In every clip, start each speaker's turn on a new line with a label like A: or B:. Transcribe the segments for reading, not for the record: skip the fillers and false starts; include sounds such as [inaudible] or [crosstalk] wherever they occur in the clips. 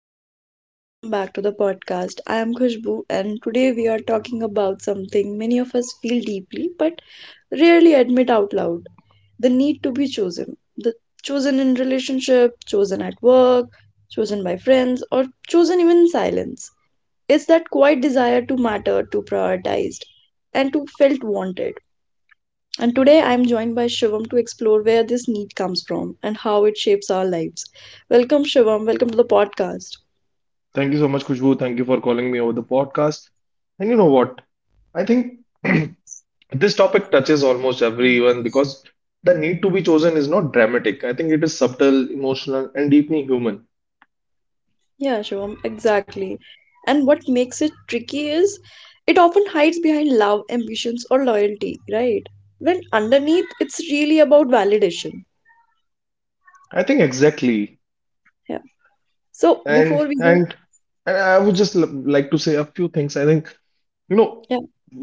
A: everyone, and welcome back to the podcast. I am Khushbu, and today we are talking about something many of us feel deeply but rarely admit out loud: the need to be chosen. The chosen in relationship, chosen at work, chosen by friends, or chosen even in silence. It's that quiet desire to matter, to prioritized, and to felt wanted. And today I am joined by Shivam to explore where this need comes from and how it shapes our lives. Welcome, Shivam. Welcome to the podcast.
B: Thank you so much, Khushbu. Thank you for calling me over the podcast. And you know what? I think [clears throat] this topic touches almost everyone because the need to be chosen is not dramatic. I think it is subtle, emotional, and deeply human.
A: Yeah, Shivam, exactly. And what makes it tricky is it often hides behind love, ambitions, or loyalty, right? When underneath, it's really about validation.
B: I think exactly.
A: Yeah. So before
B: And
A: we go,
B: and and I would just like to say a few things. I think you know
A: yeah,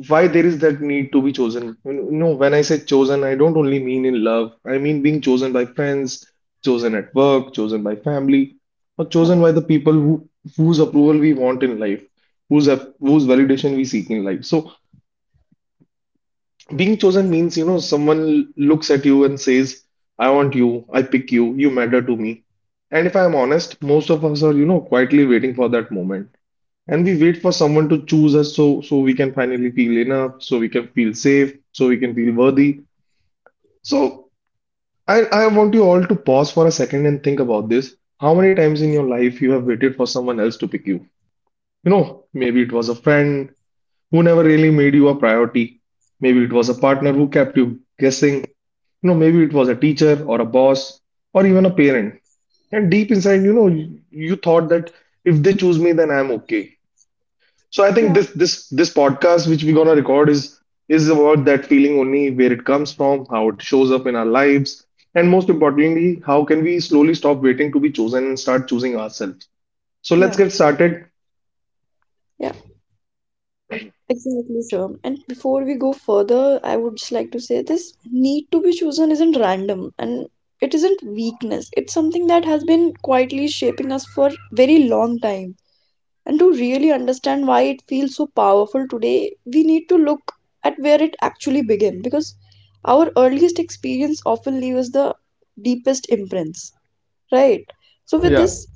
B: why there is that need to be chosen. You know, when I say chosen, I don't only mean in love. I mean being chosen by friends, chosen at work, chosen by family, or
A: yeah,
B: chosen by the people who, whose approval we want in life, whose whose validation we seek in life. So being chosen means, you know, someone looks at you and says, I want you, I pick you, you matter to me. And if I am honest, most of us are, you know, quietly waiting for that moment. And we wait for someone to choose us so we can finally feel enough, so we can feel safe, so we can feel worthy. So I want you all to pause for a second and think about this. How many times in your life you have waited for someone else to pick you? You know, maybe it was a friend who never really made you a priority. Maybe it was a partner who kept you guessing. You know, maybe it was a teacher or a boss or even a parent. And deep inside, you know, you thought that if they choose me, then I'm okay. So I think
A: yeah,
B: this podcast which we're gonna record is about that feeling only, where it comes from, how it shows up in our lives, and most importantly, how can we slowly stop waiting to be chosen and start choosing ourselves. So let's
A: yeah,
B: get started.
A: yeah, exactly, Shivam. And before we go further, I would just like to say this need to be chosen isn't random and it isn't weakness. It's something that has been quietly shaping us for very long time. And to really understand why it feels so powerful today, we need to look at where it actually began, because our earliest experience often leaves the deepest imprints, right? So, with
B: Yeah,
A: this,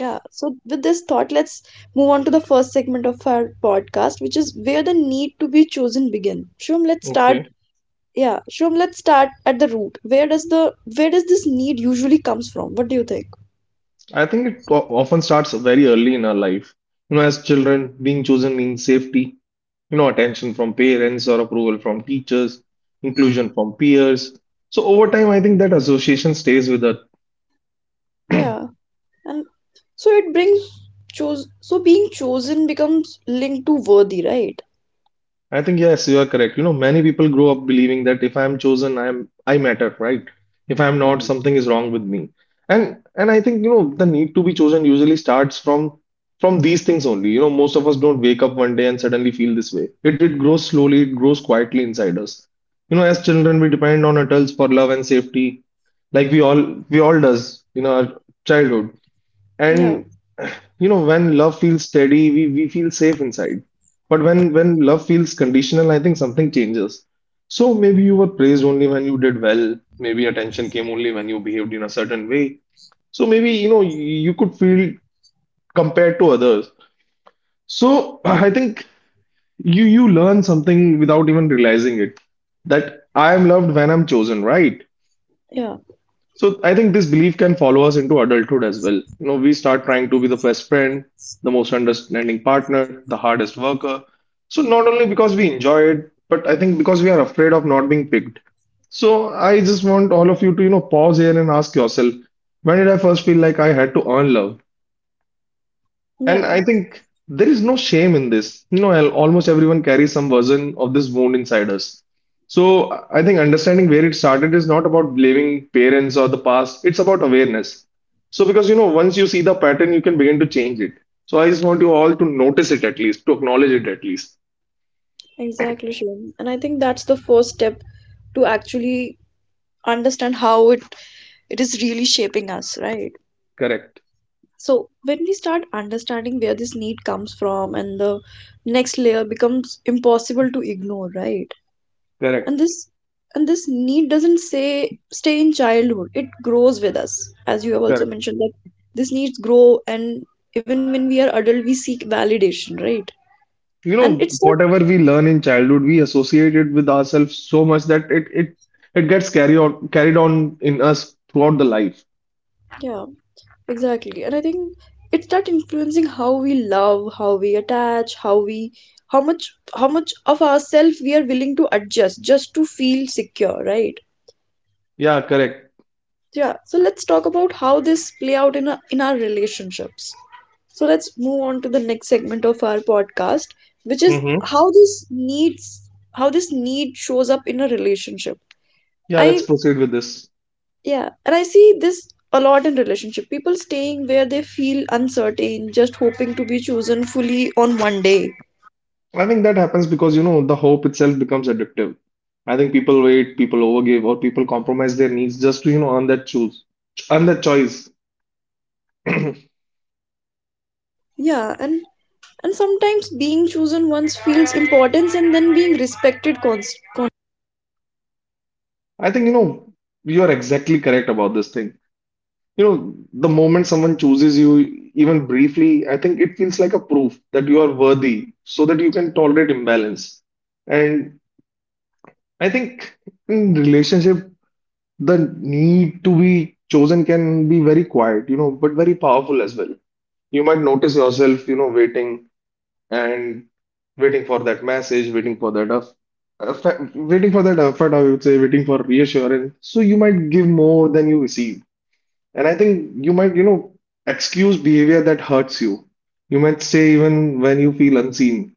A: yeah, so with this thought, let's move on to the first segment of our podcast, which is where the need to be chosen begin. Shum, let's start.
B: okay.
A: Yeah, Shum, let's start at the root. Where does this need usually comes from? What do you think?
B: I think it often starts very early in our life. You know, as children, being chosen means safety, you know, attention from parents or approval from teachers, inclusion from peers. So over time, I think that association stays with us.
A: Yeah, and so it brings choose. So being chosen becomes linked to worthy, right?
B: I think yes, you are correct. You know, many people grow up believing that if I am chosen, I matter, right? If I am
A: Yeah,
B: not, something is wrong with me. And I think, you know, the need to be chosen usually starts from these things only. You know, most of us don't wake up one day and suddenly feel this way. It grows slowly, it grows quietly inside us. You know, as children, we depend on adults for love and safety, like we all does in our childhood.
A: yeah,
B: And [sighs] you know, when love feels steady, we feel safe inside. But when love feels conditional, I think something changes. So maybe you were praised only when you did well. Maybe attention came only when you behaved in a certain way. So maybe you know you could feel compared to others. So [clears throat] I think you learn something without even realizing it. That I am loved when I'm chosen, right?
A: yeah,
B: So I think this belief can follow us into adulthood as well. You know, we start trying to be the best friend, the most understanding partner, the hardest worker. So not only because we enjoy it, but I think because we are afraid of not being picked. So I just want all of you to, you know, pause here and ask yourself, when did I first feel like I had to earn love? And
A: yeah.
B: I think there is no shame in this. You know, almost everyone carries some version of this wound inside us. So I think understanding where it started is not about blaming parents or the past, it's about awareness. So, because you know, once you see the pattern, you can begin to change it. So, I just want you all to notice it at least, to acknowledge it at least.
A: Exactly, Shivam. And I think that's the first step to actually understand how it is really shaping us, right?
B: Correct,
A: So when we start understanding where this need comes from, and the next layer becomes impossible to ignore, right? and
B: correct,
A: this and this need doesn't say stay in childhood, it grows with us, as you have also
B: correct.
A: mentioned that these needs grow, and even when we are adult we seek validation, right?
B: You
A: and
B: know,
A: it start
B: whatever we learn in childhood, we associate it with ourselves so much that it it gets carried on in us throughout the life.
A: yeah, exactly, and I think it start influencing how we love, how we attach, how much, how much of ourselves we are willing to adjust just to feel secure, right?
B: Yeah, correct.
A: Yeah, so let's talk about how this play out in, a, in our relationships. So let's move on to the next segment of our podcast, which is how this need shows up in a relationship.
B: Yeah, let's
A: I
B: proceed with this.
A: Yeah, and I see this a lot in relationship, people staying where they feel uncertain, just hoping to be chosen fully on one day.
B: I think that happens because, you know, the hope itself becomes addictive. I think people wait, people overgive, or people compromise their needs just to, you know, earn that choice. [clears throat] I
A: Yeah, and sometimes being chosen once feels importance and then being respected
B: think, you know, you are exactly correct about this thing. You know, the moment someone chooses you, even briefly, I think it feels like a proof that you are worthy so that you can tolerate imbalance. And I think in relationship, the need to be chosen can be very quiet, you know, but very powerful as well. You might notice yourself, you know, waiting and waiting for that message, waiting for that effort, I would say, waiting for reassurance. So you might give more than you receive. And I think you might, you know, excuse behavior that hurts you. You might say even when you feel unseen.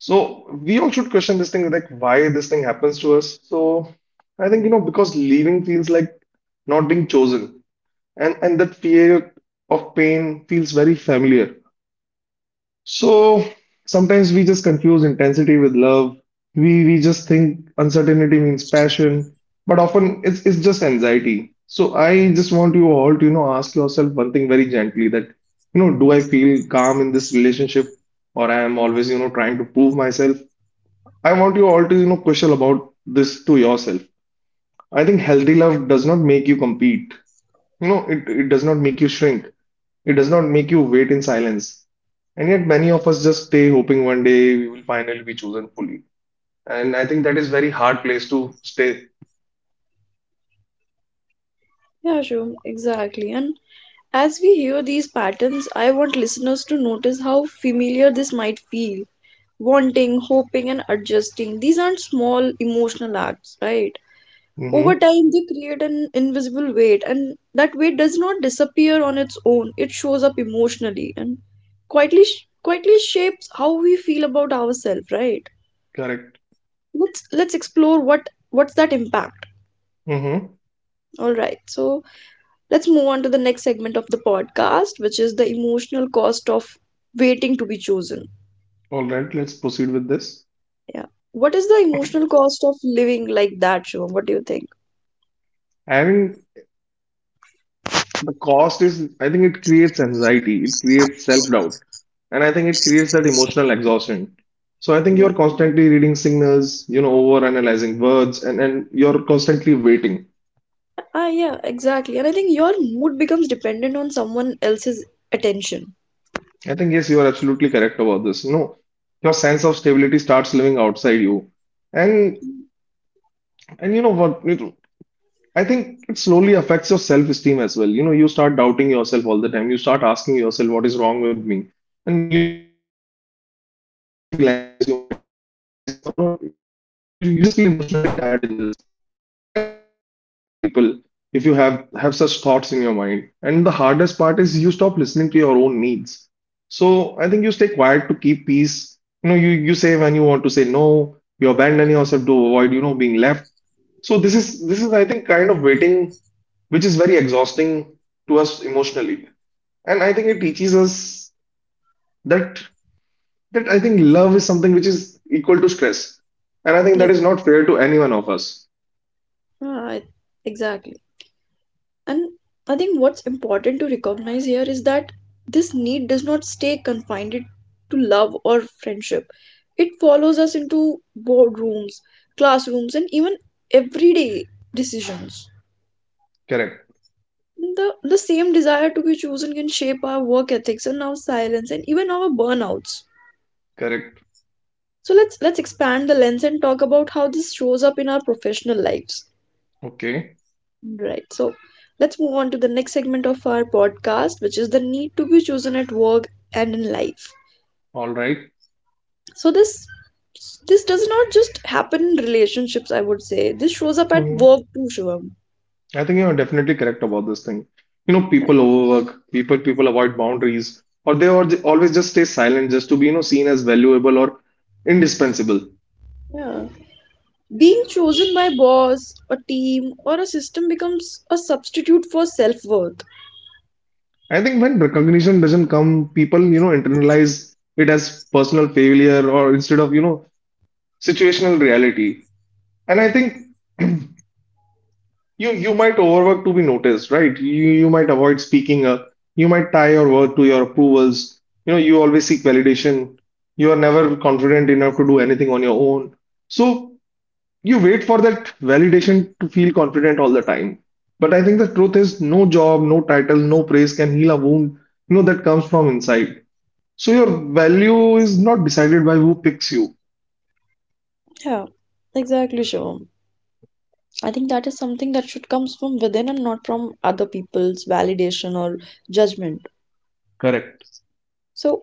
B: So we all should question this thing, like why this thing happens to us. So I think, you know, because leaving feels like not being chosen. And that fear of pain feels very familiar. So sometimes we just confuse intensity with love. We just think uncertainty means passion, but often it's just anxiety. So I just want you all to, you know, ask yourself one thing very gently that, you know, do I feel calm in this relationship or I am always, you know, trying to prove myself? I want you all to, you know, question about this to yourself. I think healthy love does not make you compete. You know, it does not make you shrink. It does not make you wait in silence. And yet, many of us just stay hoping one day we will finally be chosen fully. And I think that is very hard place to stay.
A: yeah, sure, exactly. And as we hear these patterns, I want listeners to notice how familiar this might feel. Wanting, hoping, and adjusting. These aren't small emotional acts, right? Over
B: Mm-hmm.
A: time, they create an invisible weight, and that weight does not disappear on its own. It shows up emotionally and quietly shapes how we feel about ourselves, right?
B: Correct.
A: Let's explore what's that impact.
B: Mm-hmm.
A: All right, so let's move on to the next segment of the podcast, which is the emotional cost of waiting to be chosen.
B: All right, let's proceed with this.
A: Yeah. What is the emotional cost of living like that, Shivam? What do you think?
B: And the cost is, I think it creates anxiety, it creates self-doubt, and I think it creates that emotional exhaustion. So I think
A: Yeah.
B: you're constantly reading signals, you know, over analyzing words, and you're constantly waiting.
A: Yeah, exactly. And I think your mood becomes dependent on someone else's attention.
B: I think, yes, you are absolutely correct about this. You know, your sense of stability starts living outside you. And and you know what? I think it slowly affects your self-esteem as well. You know, you start doubting yourself all the time. You start asking yourself, what is wrong with me? And you know, you might feel anxious, you might feel restless, or you just feel emotionally tired in this. And you might overthink every interaction you have with people if you have such thoughts in your mind. And the hardest part is you stop listening to your own needs. So I think you stay quiet to keep peace. You know, you say when you want to say no, you abandon yourself to avoid, you know, being left. So this is I think kind of waiting which is very exhausting to us emotionally. And I think it teaches us that that I think love is something which is equal to stress. And I think
A: Yeah.
B: that is not fair to any one of us.
A: Ah, I- exactly. And I think what's important to recognize here is that this need does not stay confined to love or friendship. It follows us into boardrooms, classrooms, and even everyday decisions.
B: Correct.
A: The same desire to be chosen can shape our work ethics and our silence and even our burnouts.
B: Correct.
A: So let's expand the lens and talk about how this shows up in our professional lives.
B: Okay.
A: Right. So let's move on to the next segment of our podcast, which is the need to be chosen at work and in life.
B: All right.
A: So this does not just happen in relationships, I would say. This shows up at
B: Mhm.
A: work too, Shivam.
B: I think you are definitely correct about this thing. You know,
A: Yeah.
B: people overwork, people avoid boundaries, or they always just stay silent just to be, you know, seen as valuable or indispensable.
A: Yeah. Being chosen by boss, a team, or a system becomes a substitute for self-worth.
B: I think when recognition doesn't come, people, you know, internalize it as personal failure or instead of, you know, situational reality. And I think [clears throat] you you might overwork to be noticed, right? You might avoid speaking up, you might tie your word to your approvals. You know, you always seek validation. You are never confident enough to do anything on your own. So you wait for that validation to feel confident all the time. But I think the truth is no job, no title, no praise can heal a wound, you know, that comes from inside. So your value is not decided by who picks you.
A: Yeah, exactly, Shivam. I think that is something that should comes from within, and not from other people's validation or judgment.
B: Correct.
A: So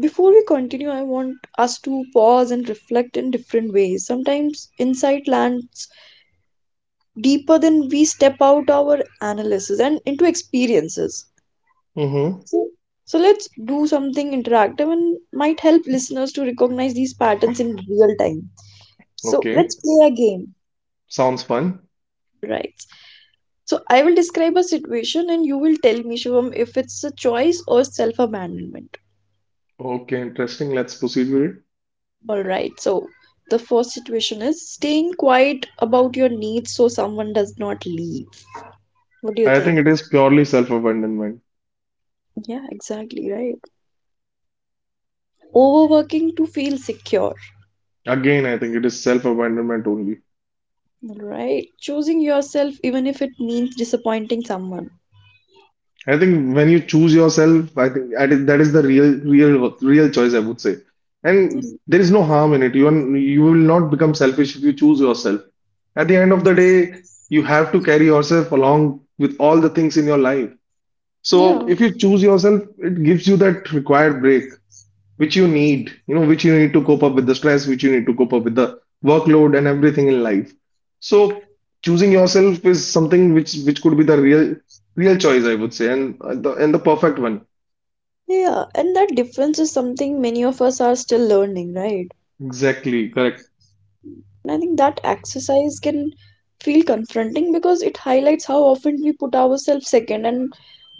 A: before we continue, I want us to pause and reflect in different ways. Sometimes insight lands deeper than we step out our analysis and into experiences.
B: Mm-hmm.
A: So, so let's do something interactive and might help listeners to recognize these patterns in real time. So
B: Okay.
A: let's play a game.
B: Sounds fun.
A: Right. So I will describe a situation and you will tell me, Shivam, if it's a choice or self abandonment.
B: Okay, interesting. Let's proceed with it.
A: All right. So the first situation is staying quiet about your needs so someone does not leave. What do you
B: I think
A: think?
B: it is purely self-abandonment.
A: Yeah, exactly right. Overworking to feel secure.
B: Again, I think it is self-abandonment only.
A: All right. Choosing yourself even if it means disappointing someone.
B: I think when you choose yourself, I think that is the real choice, I would say. And
A: Yeah.
B: there is no harm in it. You will not become selfish if you choose yourself. At the end of the day, you have to carry yourself along with all the things in your life. So
A: Yeah.
B: if you choose yourself, it gives you that required break, which you need, which you need to cope up with the stress, which you need to cope up with the workload and everything in life. So choosing yourself is something which could be the real choice, I would say, and the perfect one.
A: Yeah. And that difference is something many of us are still learning, right?
B: Exactly, correct,
A: And I think that exercise can feel confronting because it highlights how often we put ourselves second. And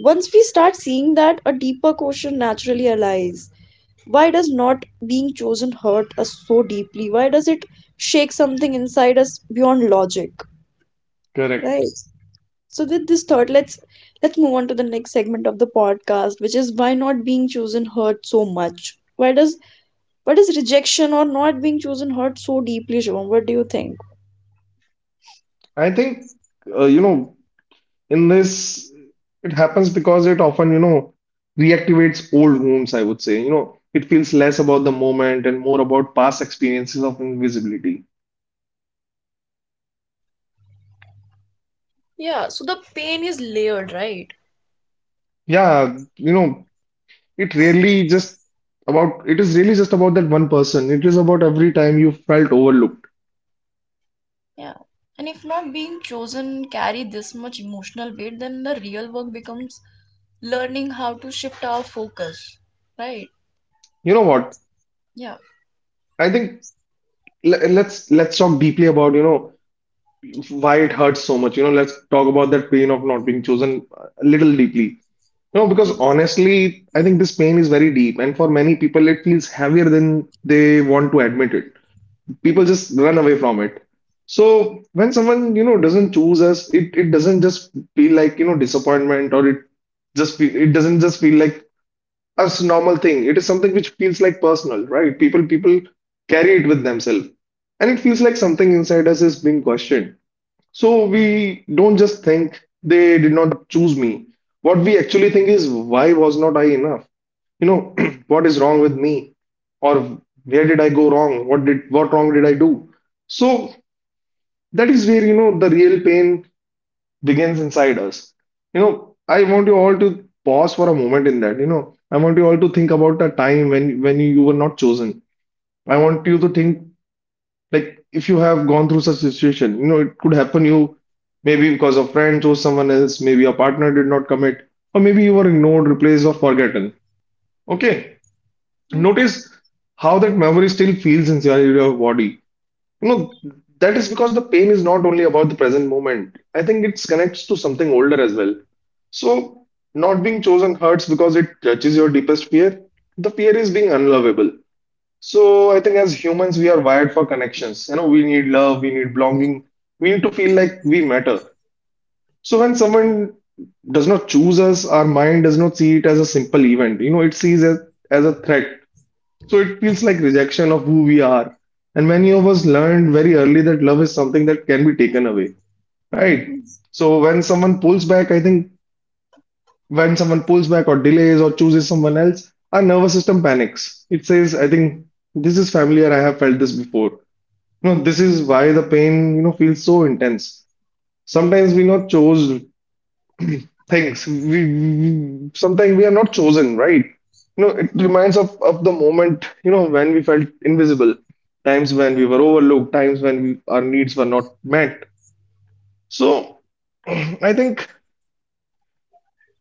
A: once we start seeing that, a deeper question naturally arises. Why does not being chosen hurt us so deeply? Why does it shake something inside us beyond logic? Right.
B: correct.
A: So with this thought, let's move on to the next segment of the podcast, which is why not being chosen hurt so much? Why does rejection or not being chosen hurt so deeply, Shivam? What do you think?
B: I think uh, you know, in this, it happens because it often, reactivates old wounds, I would say. It feels less about the moment and more about past experiences of invisibility.
A: Yeah, so the pain is layered, right?
B: Yeah, it really just it is really just about that one person. It is about every time you felt overlooked.
A: Yeah. And if not being chosen carry this much emotional weight, then the real work becomes learning how to shift our focus. Right?
B: You know what?
A: Yeah.
B: I think let's talk deeply about, why it hurts so much. Let's talk about that pain of not being chosen a little deeply. You know,
A: Go,
B: because
A: please.
B: honestly, I think this pain is very deep, and for many people, it feels heavier than they want to admit it. People
A: Yeah.
B: just run away from it. So when someone, doesn't choose us, it doesn't just feel like, disappointment, or it doesn't just feel like a normal thing. It is something which feels like personal, right? People carry it with themselves, and it feels like something inside us is being questioned. So we don't just think, they did not choose me. What we actually think is, why was not I enough? you know [clears throat] what is wrong with me? Or where did I go wrong? What wrong did I do? So that is where, the real pain begins inside us. I want you all to pause for a moment in that. I want you all to think about a time when you were not chosen. I want you to think, like, if you have gone through such situation, it could happen you. Maybe because a friend chose someone else, maybe a partner did not commit, or maybe you were ignored, replaced, or forgotten. Okay.
A: Mm,
B: Notice how that memory still feels inside your body. You know, that is because the pain is not only about the present moment. I think it connects to something older as well. So, not being chosen hurts because it touches your deepest fear. The fear is being unlovable. So, I think as humans, we are wired for connections. We need love, we need belonging, we need to feel like we matter. So, when someone does not choose us, our mind does not see it as a simple event. It sees it as a threat. So it feels like rejection of who we are. And many of us learned very early that love is something that can be taken away, right? So when someone pulls back, I think when someone pulls back or delays or chooses someone else, our nervous system panics. It says, I think this is familiar. I have felt this before. This is why the pain, feels so intense. Sometimes we not chose [clears throat] things we sometimes we are not chosen, right? It
A: mm,
B: reminds of the moment, when we felt invisible, times when we were overlooked, times when our needs were not met. So [clears throat] I think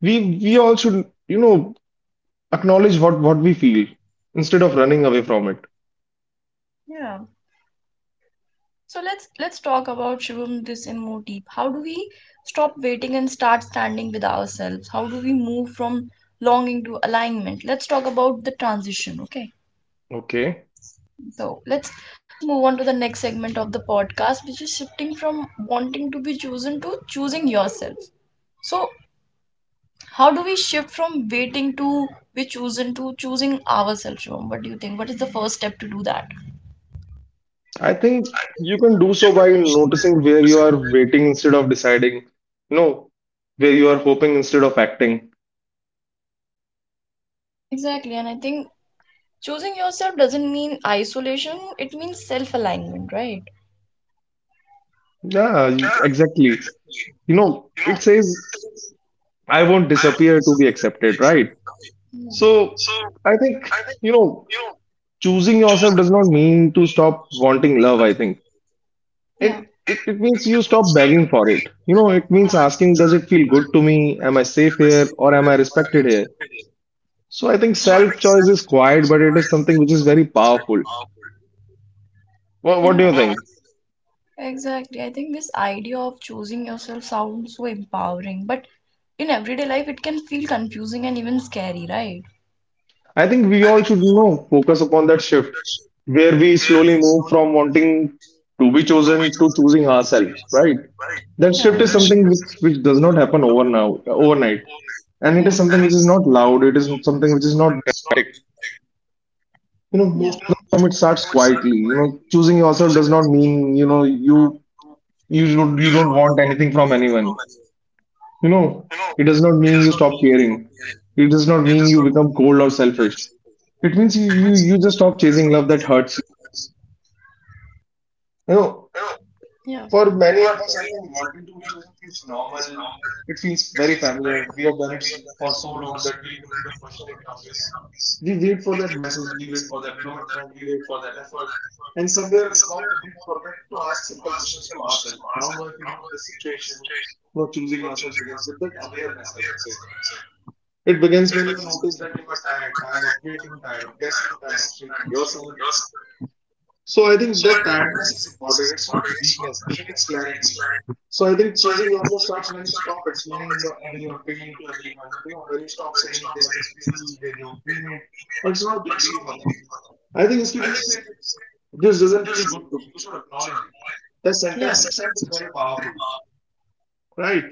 B: we all should, you know acknowledge what we feel, instead of running away from it.
A: yeah. So let's talk about Shivam this in more deep. How do we stop waiting and start standing with ourselves? How do we move from longing to alignment? Let's talk about the transition, okay?
B: Okay.
A: So let's move on to the next segment of the podcast, which is shifting from wanting to be chosen to choosing yourself. So, how do we shift from waiting to be chosen to choosing ourselves? Shubham? What do you think? What is the first step to do that?
B: I think you can do so by noticing where you are waiting instead of deciding, you know where you are hoping instead of acting.
A: Exactly, and I think choosing yourself doesn't mean isolation, it means self alignment, right?
B: Yeah, exactly. It says, I won't disappear to be accepted, right?
A: Yeah.
B: So I think, choosing yourself does not mean to stop wanting love, I think.
A: Yeah.
B: It means you stop begging for it. It means asking, does it feel good to me? Am I safe here? Or am I respected here? So I think
A: So I
B: self
A: think
B: choice
A: self
B: is quiet, but it is
A: inspired
B: something which is very
A: is very
B: powerful.
A: powerful.
B: What do
A: Yeah.
B: you think?
A: But exactly. I think this idea of choosing yourself sounds so empowering, but in everyday life, it can feel confusing and even scary, right?
B: I think we all should, focus upon that shift, where we slowly move from wanting to be chosen to choosing ourselves, right? That shift
A: Yeah,
B: is
A: exactly.
B: something which does not happen overnight. And it is
A: Yeah,
B: something which is not loud, it is something which is not dramatic. You know,
A: yeah,
B: most of the time it starts quietly. Choosing yourself does not mean, you don't want anything from anyone. You know, it does not mean you stop caring. It does not mean you become cold or selfish. It means you just stop chasing love that hurts you. You know,
A: yeah,
B: For many of us, I think wanting to be chosen feels normal. It feels very familiar. We have done it for so long that we don't even question it nowadays. We wait for that message, we wait for that commitment, we wait for that effort. And somewhere along the way, we forget to ask simple questions to ourselves. How do I feel in this situation? Not choosing yourself begins with that awareness, I would say. It begins when you notice that you are tired, tired of waiting, tired of guessing, tired of shrinking yourself. So I think that tiredness is important. It's not weakness. I think it's clarity. So I think choosing yourself starts when you stop explaining your pain to everyone. When you stop saying, they're just busy, they don't mean it, or it's not a big deal for them. I think instead you say, this doesn't feel good to me, you should acknowledge it. The
A: yeah.
B: sentence itself is very powerful, right?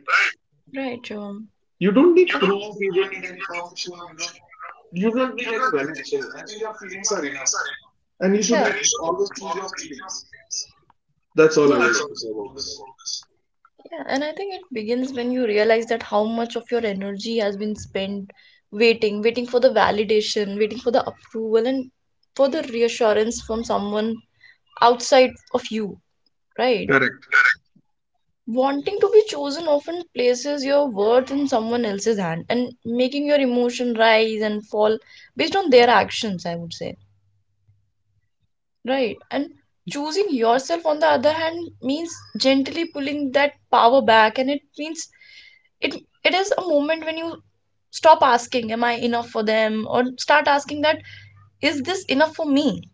A: Right, Shivam.
B: You don't need proof. You don't need any permission. You don't. You don't need any validation. I think your feelings are enough, and you should
A: Yeah.
B: always choose your feelings. That's all I
A: Yeah.
B: would love to say about this.
A: Yeah, and I think it begins when you realize that how much of your energy has been spent waiting, waiting for the validation, waiting for the approval, and for the reassurance from someone outside of you, right?
B: Correct.
A: Wanting to be chosen often places your worth in someone else's hand and making your emotion rise and fall based on their actions, I would say. Right. And choosing yourself, on the other hand, means gently pulling that power back. And it means it it is a moment when you stop asking, am I enough for them? Or start asking that, is this enough for me?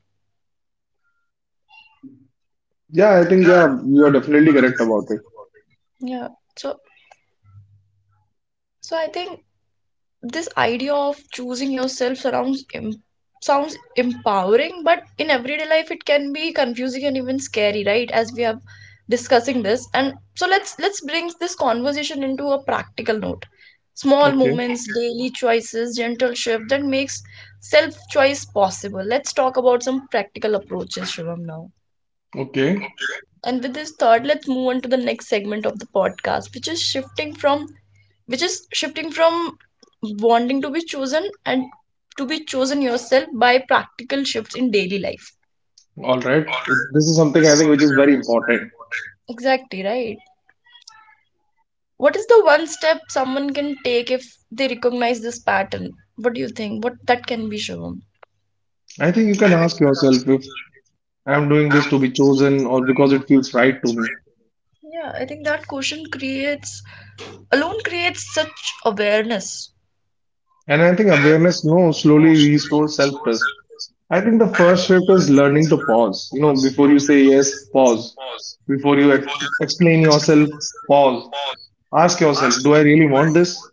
B: Yeah, I think yeah, you are definitely correct about it.
A: Yeah. So so I think this idea of choosing yourself sounds empowering, but in everyday life it can be confusing and even scary, right, as we have discussing this. And so let's bring this conversation into a practical note, small
B: Okay.
A: moments, daily choices, gentle shift that makes self choice possible. Let's talk about some practical approaches, Shivam, now,
B: Okay.
A: and with this thought, let's move on to the next segment of the podcast, which is shifting from wanting to be chosen and to be chosen yourself by practical shifts in daily life.
B: All right. This is something
A: This
B: I
A: is so,
B: think which
A: something
B: is
A: I
B: very
A: think is very
B: important.
A: important. Exactly right. What is the one step someone can take if they recognize this pattern? What do you think? What that can be shown?
B: I think you can ask yourself if I'm doing this to be chosen or because it feels right to me.
A: Yeah, I think that question creates alone creates such awareness.
B: And I think awareness, no, slowly restores self-trust. I think the first shift is learning to pause. Before you say yes, pause. Before you explain yourself, pause. Ask yourself, do I really want this?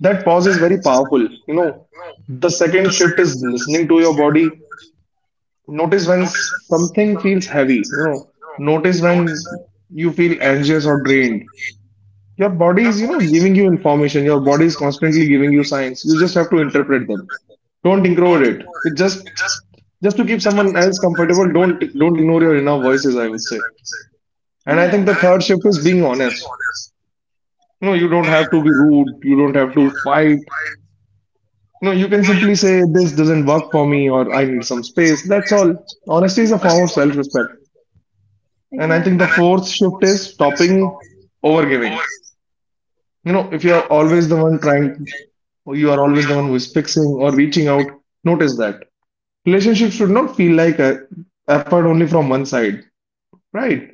B: That pause is very powerful. You know, the second shift is listening to your body. Notice when something feels heavy. Notice when you feel anxious or drained. Your body is, giving you information. Your body is constantly giving you signs. You just have to interpret them. Don't ignore it. Just to keep someone else comfortable, don't ignore your inner voices, I would say. And I
A: Yeah.
B: think
A: And I
B: the third
A: think the
B: shift
A: third
B: is
A: step
B: being
A: is being
B: honest.
A: honest.
B: You don't have to be rude, you don't have to fight. You can simply say, this doesn't work for me, or I need some space. That's all. Honesty
A: Yeah,
B: is a
A: honesty
B: form of
A: is a powerful
B: self-respect.
A: service.
B: And I think
A: Exactly.
B: the
A: And I think the
B: fourth shift
A: fourth step
B: is
A: is
B: stopping
A: stopping.
B: over giving. If you are always the one trying, or you are always the one who is fixing or reaching out, notice that. Relationships should not feel like a effort only from one side, right?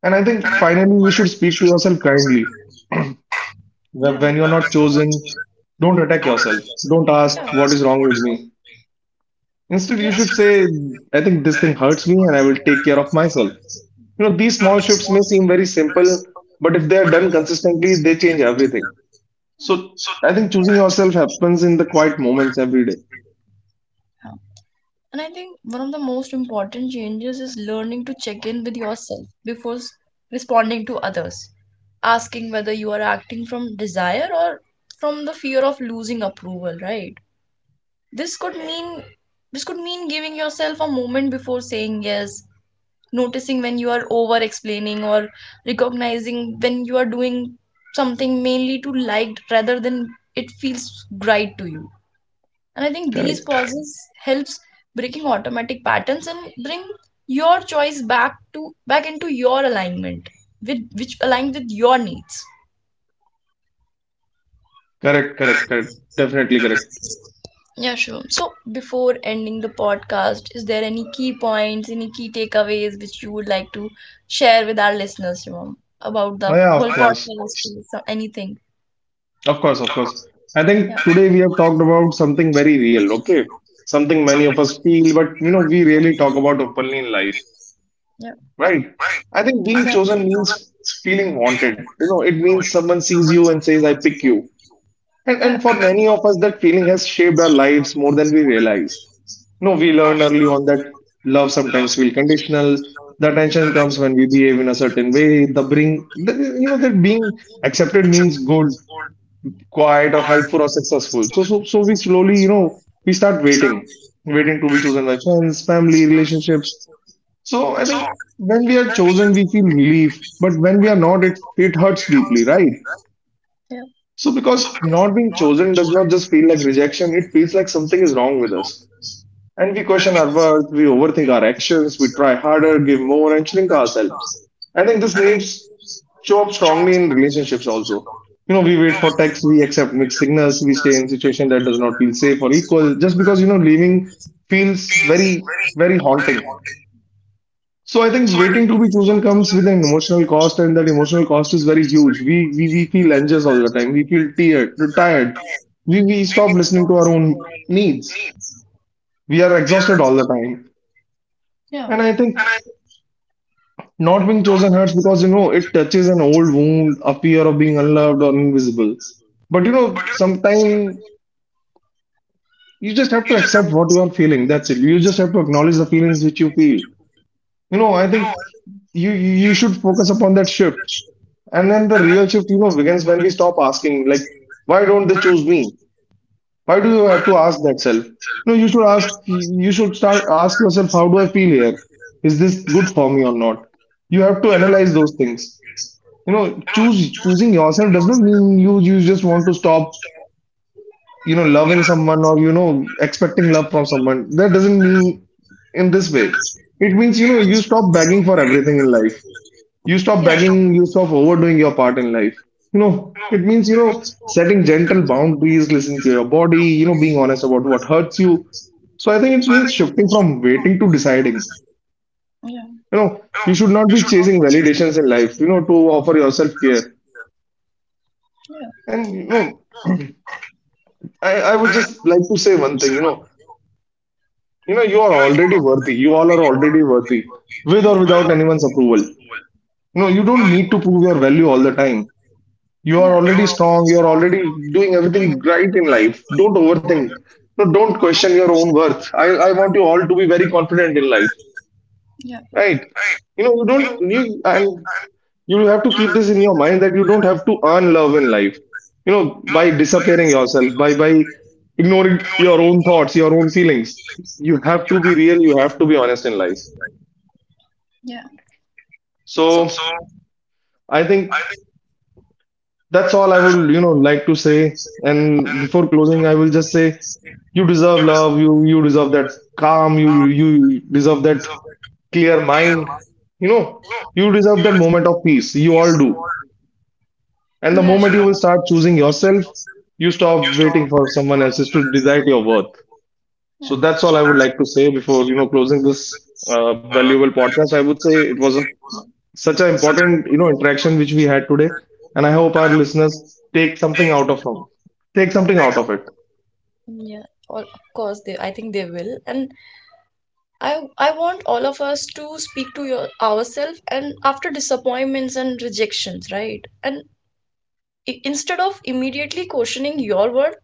B: And I think
A: Exactly.
B: finally, you should speak to yourself kindly.
A: Yeah.
B: When you're not chosen, don't attack yourself. Don't
A: Yeah.
B: ask, what is wrong with me? Instead, you
A: Yeah.
B: should say, I think this thing hurts me and I will take care of myself. These small shifts may seem very simple, but if they are done consistently, they change everything. So I think choosing yourself happens in the quiet moments every day.
A: Yeah. And I think one of the most important changes is learning to check in with yourself before responding to others, asking whether you are acting from desire or from the fear of losing approval, right? This could mean, this could mean giving yourself a moment before saying yes, noticing when you are over explaining, or recognizing when you are doing something mainly to like rather than it feels right to you. And I think these
B: Correct.
A: pauses helps breaking automatic patterns and bring your choice back into your alignment with which align with your needs.
B: Correct, correct, correct. Definitely correct.
A: Yeah, sure, so before ending the podcast, is there any key points, any key takeaways which you would like to share with our listeners, you, about
B: Oh,
A: the
B: yeah,
A: whole
B: of course.
A: podcast or anything?
B: Of course, of course. I
A: Yeah.
B: think today we have talked about something very real, okay? Something many of us feel, but we rarely talk about openly in life,
A: Yeah.
B: right? I think being chosen means feeling wanted. It means someone sees you and says, I pick you. And,
A: Yeah.
B: and for many of us, that feeling has shaped our lives more than we realize. No, we learned early on that love sometimes feel conditional. The attention comes when we behave in a certain way. The bring, the, you know, that being accepted means good, quiet, or helpful or successful. So, we slowly, we start waiting, waiting to be chosen by friends, family, relationships. So, I think when we are chosen, we feel relief, but when we are not, it hurts deeply, right?
A: Yeah.
B: So, because not being chosen does not just feel like rejection; it feels like something is wrong with us. And we question our worth, we overthink our actions, we try harder, give more, and shrink ourselves. I think this needs show up strongly in relationships also. You know, we wait for texts, we accept mixed signals, we stay in situation that does not feel safe or equal, just because leaving feels very, very haunting. So I think waiting to be chosen comes with an emotional cost, and that emotional cost is very huge. We feel anxious all the time. We feel tired, tired. We stop listening to our own needs. We are exhausted all the time.
A: Yeah.
B: And I think not being chosen hurts because, you know, it touches an old wound, a fear of being unloved or invisible. But, you know, sometimes you just have to accept what you are feeling. That's it. You just have to acknowledge the feelings which you feel. You know, I think you should focus upon that shift. And then the real shift, you know, begins when we stop asking, like, why don't they choose me? Why do you have to ask that self? No, you should ask, you should start ask yourself, how do I feel here? Is this good for me or not? You have to analyze those things. You know, choose choosing yourself does not mean you just want to stop, you know, loving someone, or, you know, expecting love from someone. That doesn't mean in this way. It means, you know, you stop begging for everything in life, you stop
A: You
B: begging, you stop overdoing your part in life, you know. It means, you know, setting gentle boundaries, listening to your body, you know, being honest about what hurts you. So I think it means shifting from waiting to deciding, you
A: we're yeah.
B: know. You should not be chasing validations in life, you know, to offer yourself care. And, you know, I would just like to say one thing, you know, you know, you are already worthy. You all are already worthy, with or
A: Yeah.
B: without anyone's
A: Yeah.
B: approval. No, you don't need to prove your value all the time. You are
A: Yeah.
B: already strong. You are already doing everything right in life. Don't overthink. No, don't question your own worth. I want you all to be very confident in life,
A: Yeah.
B: right? You know, you don't
A: You
B: you and you have to keep this in your mind that you don't have to earn love in life. You know, by disappearing yourself, by ignoring your own thoughts, your own feelings. You have to be real, you have to be honest in life.
A: yeah. So
B: So I think that's all I would, you know, like to say. And before closing, I will just say you deserve love, you deserve that calm, you deserve that clear mind. You know, you deserve that moment of peace. You all do. And the
A: yeah,
B: moment you
A: and
B: will start choosing yourself, you stop waiting for someone else's to decide your worth.
A: yeah.
B: So that's all I would like to say before, you know, closing this valuable podcast. I would say it was a such an important, you know, interaction which we had today, and I hope our listeners take something out of from take something out of it.
A: Yeah, all, of course they, I think they will. And I want all of us to speak to your ourselves and after disappointments and rejections, right? And instead of immediately questioning your word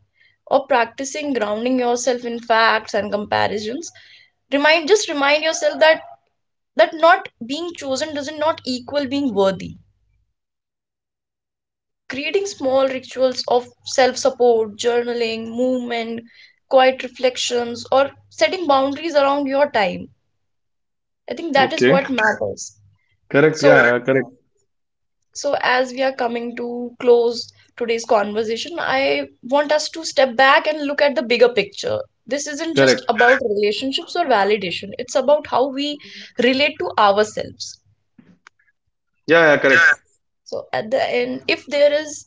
A: or practicing grounding yourself in facts and comparisons, remind, just remind yourself that not being chosen doesn't not equal being worthy. Creating small rituals of self-support, journaling, movement, quiet reflections, or setting boundaries around your time, I think that is
B: Okay,
A: what matters.
B: correct?
A: So,
B: Yeah, yeah, correct,
A: so as we are coming to close today's conversation, I want us to step back and look at the bigger picture. This isn't just
B: correct.
A: about relationships or validation. It's about how we relate to ourselves.
B: Yeah, yeah, correct,
A: So at the end, if there is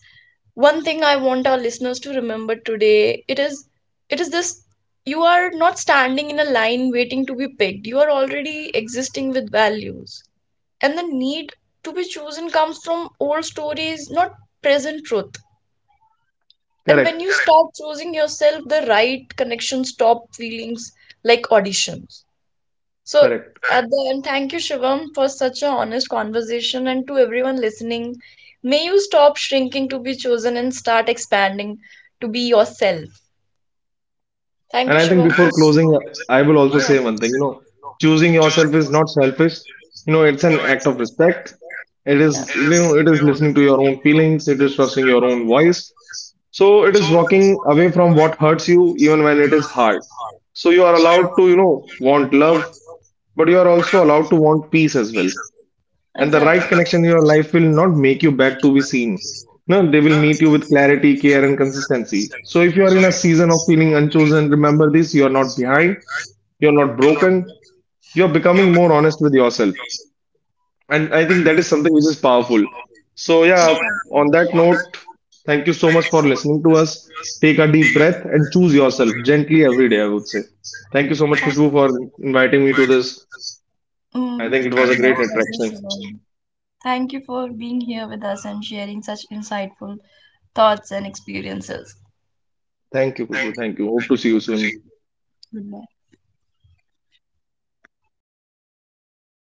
A: one thing I want our listeners to remember today, it is this: you are not standing in a line waiting to be picked. You are already existing with values, and the need to be chosen comes from old stories, not present truth. And when you
B: correct,
A: Correct. Start choosing yourself, the right connections stop feelings like auditions. So, at
B: correct.
A: Correct. The end, thank you, Shivam, for such an honest conversation. And to everyone listening, may you stop shrinking to be chosen and start expanding to be yourself. Thank
B: And
A: you,
B: I think
A: Shivam, for.
B: before closing, I will also
A: Yeah,
B: say one thing, you know, choosing yourself is not selfish. You know, it's an act of respect. It
A: yeah.
B: is, you know, it is listening to your own feelings, it is trusting your own voice. So it is walking away from what hurts you, even when it is hard. So you are allowed to, you know, want love, but you are also allowed to want peace as well, and the right
A: Exactly.
B: connection in your life will not make you back to be seen. No, they will meet you with clarity, care, and consistency. So if you are in a season of feeling unchosen, remember this: you are not behind, you are not broken, you are becoming more honest with yourself, and I think that is something which is powerful. So yeah, on that note, thank you so much for listening to us. Take a deep breath and choose yourself gently every day. I would say. Thank you so much,
A: Exactly.
B: Kushbu, for
A: Thank
B: inviting me to this.
A: for
B: I
A: mm,
B: think
A: it was
B: it
A: my a
B: was a
A: pleasure,
B: great
A: great
B: interaction.
A: Shivam. Conversation. Thank you for being here with us and sharing such insightful thoughts and experiences.
B: Thank you, Kushbu. Thank you. Hope to see you soon.
A: Goodbye.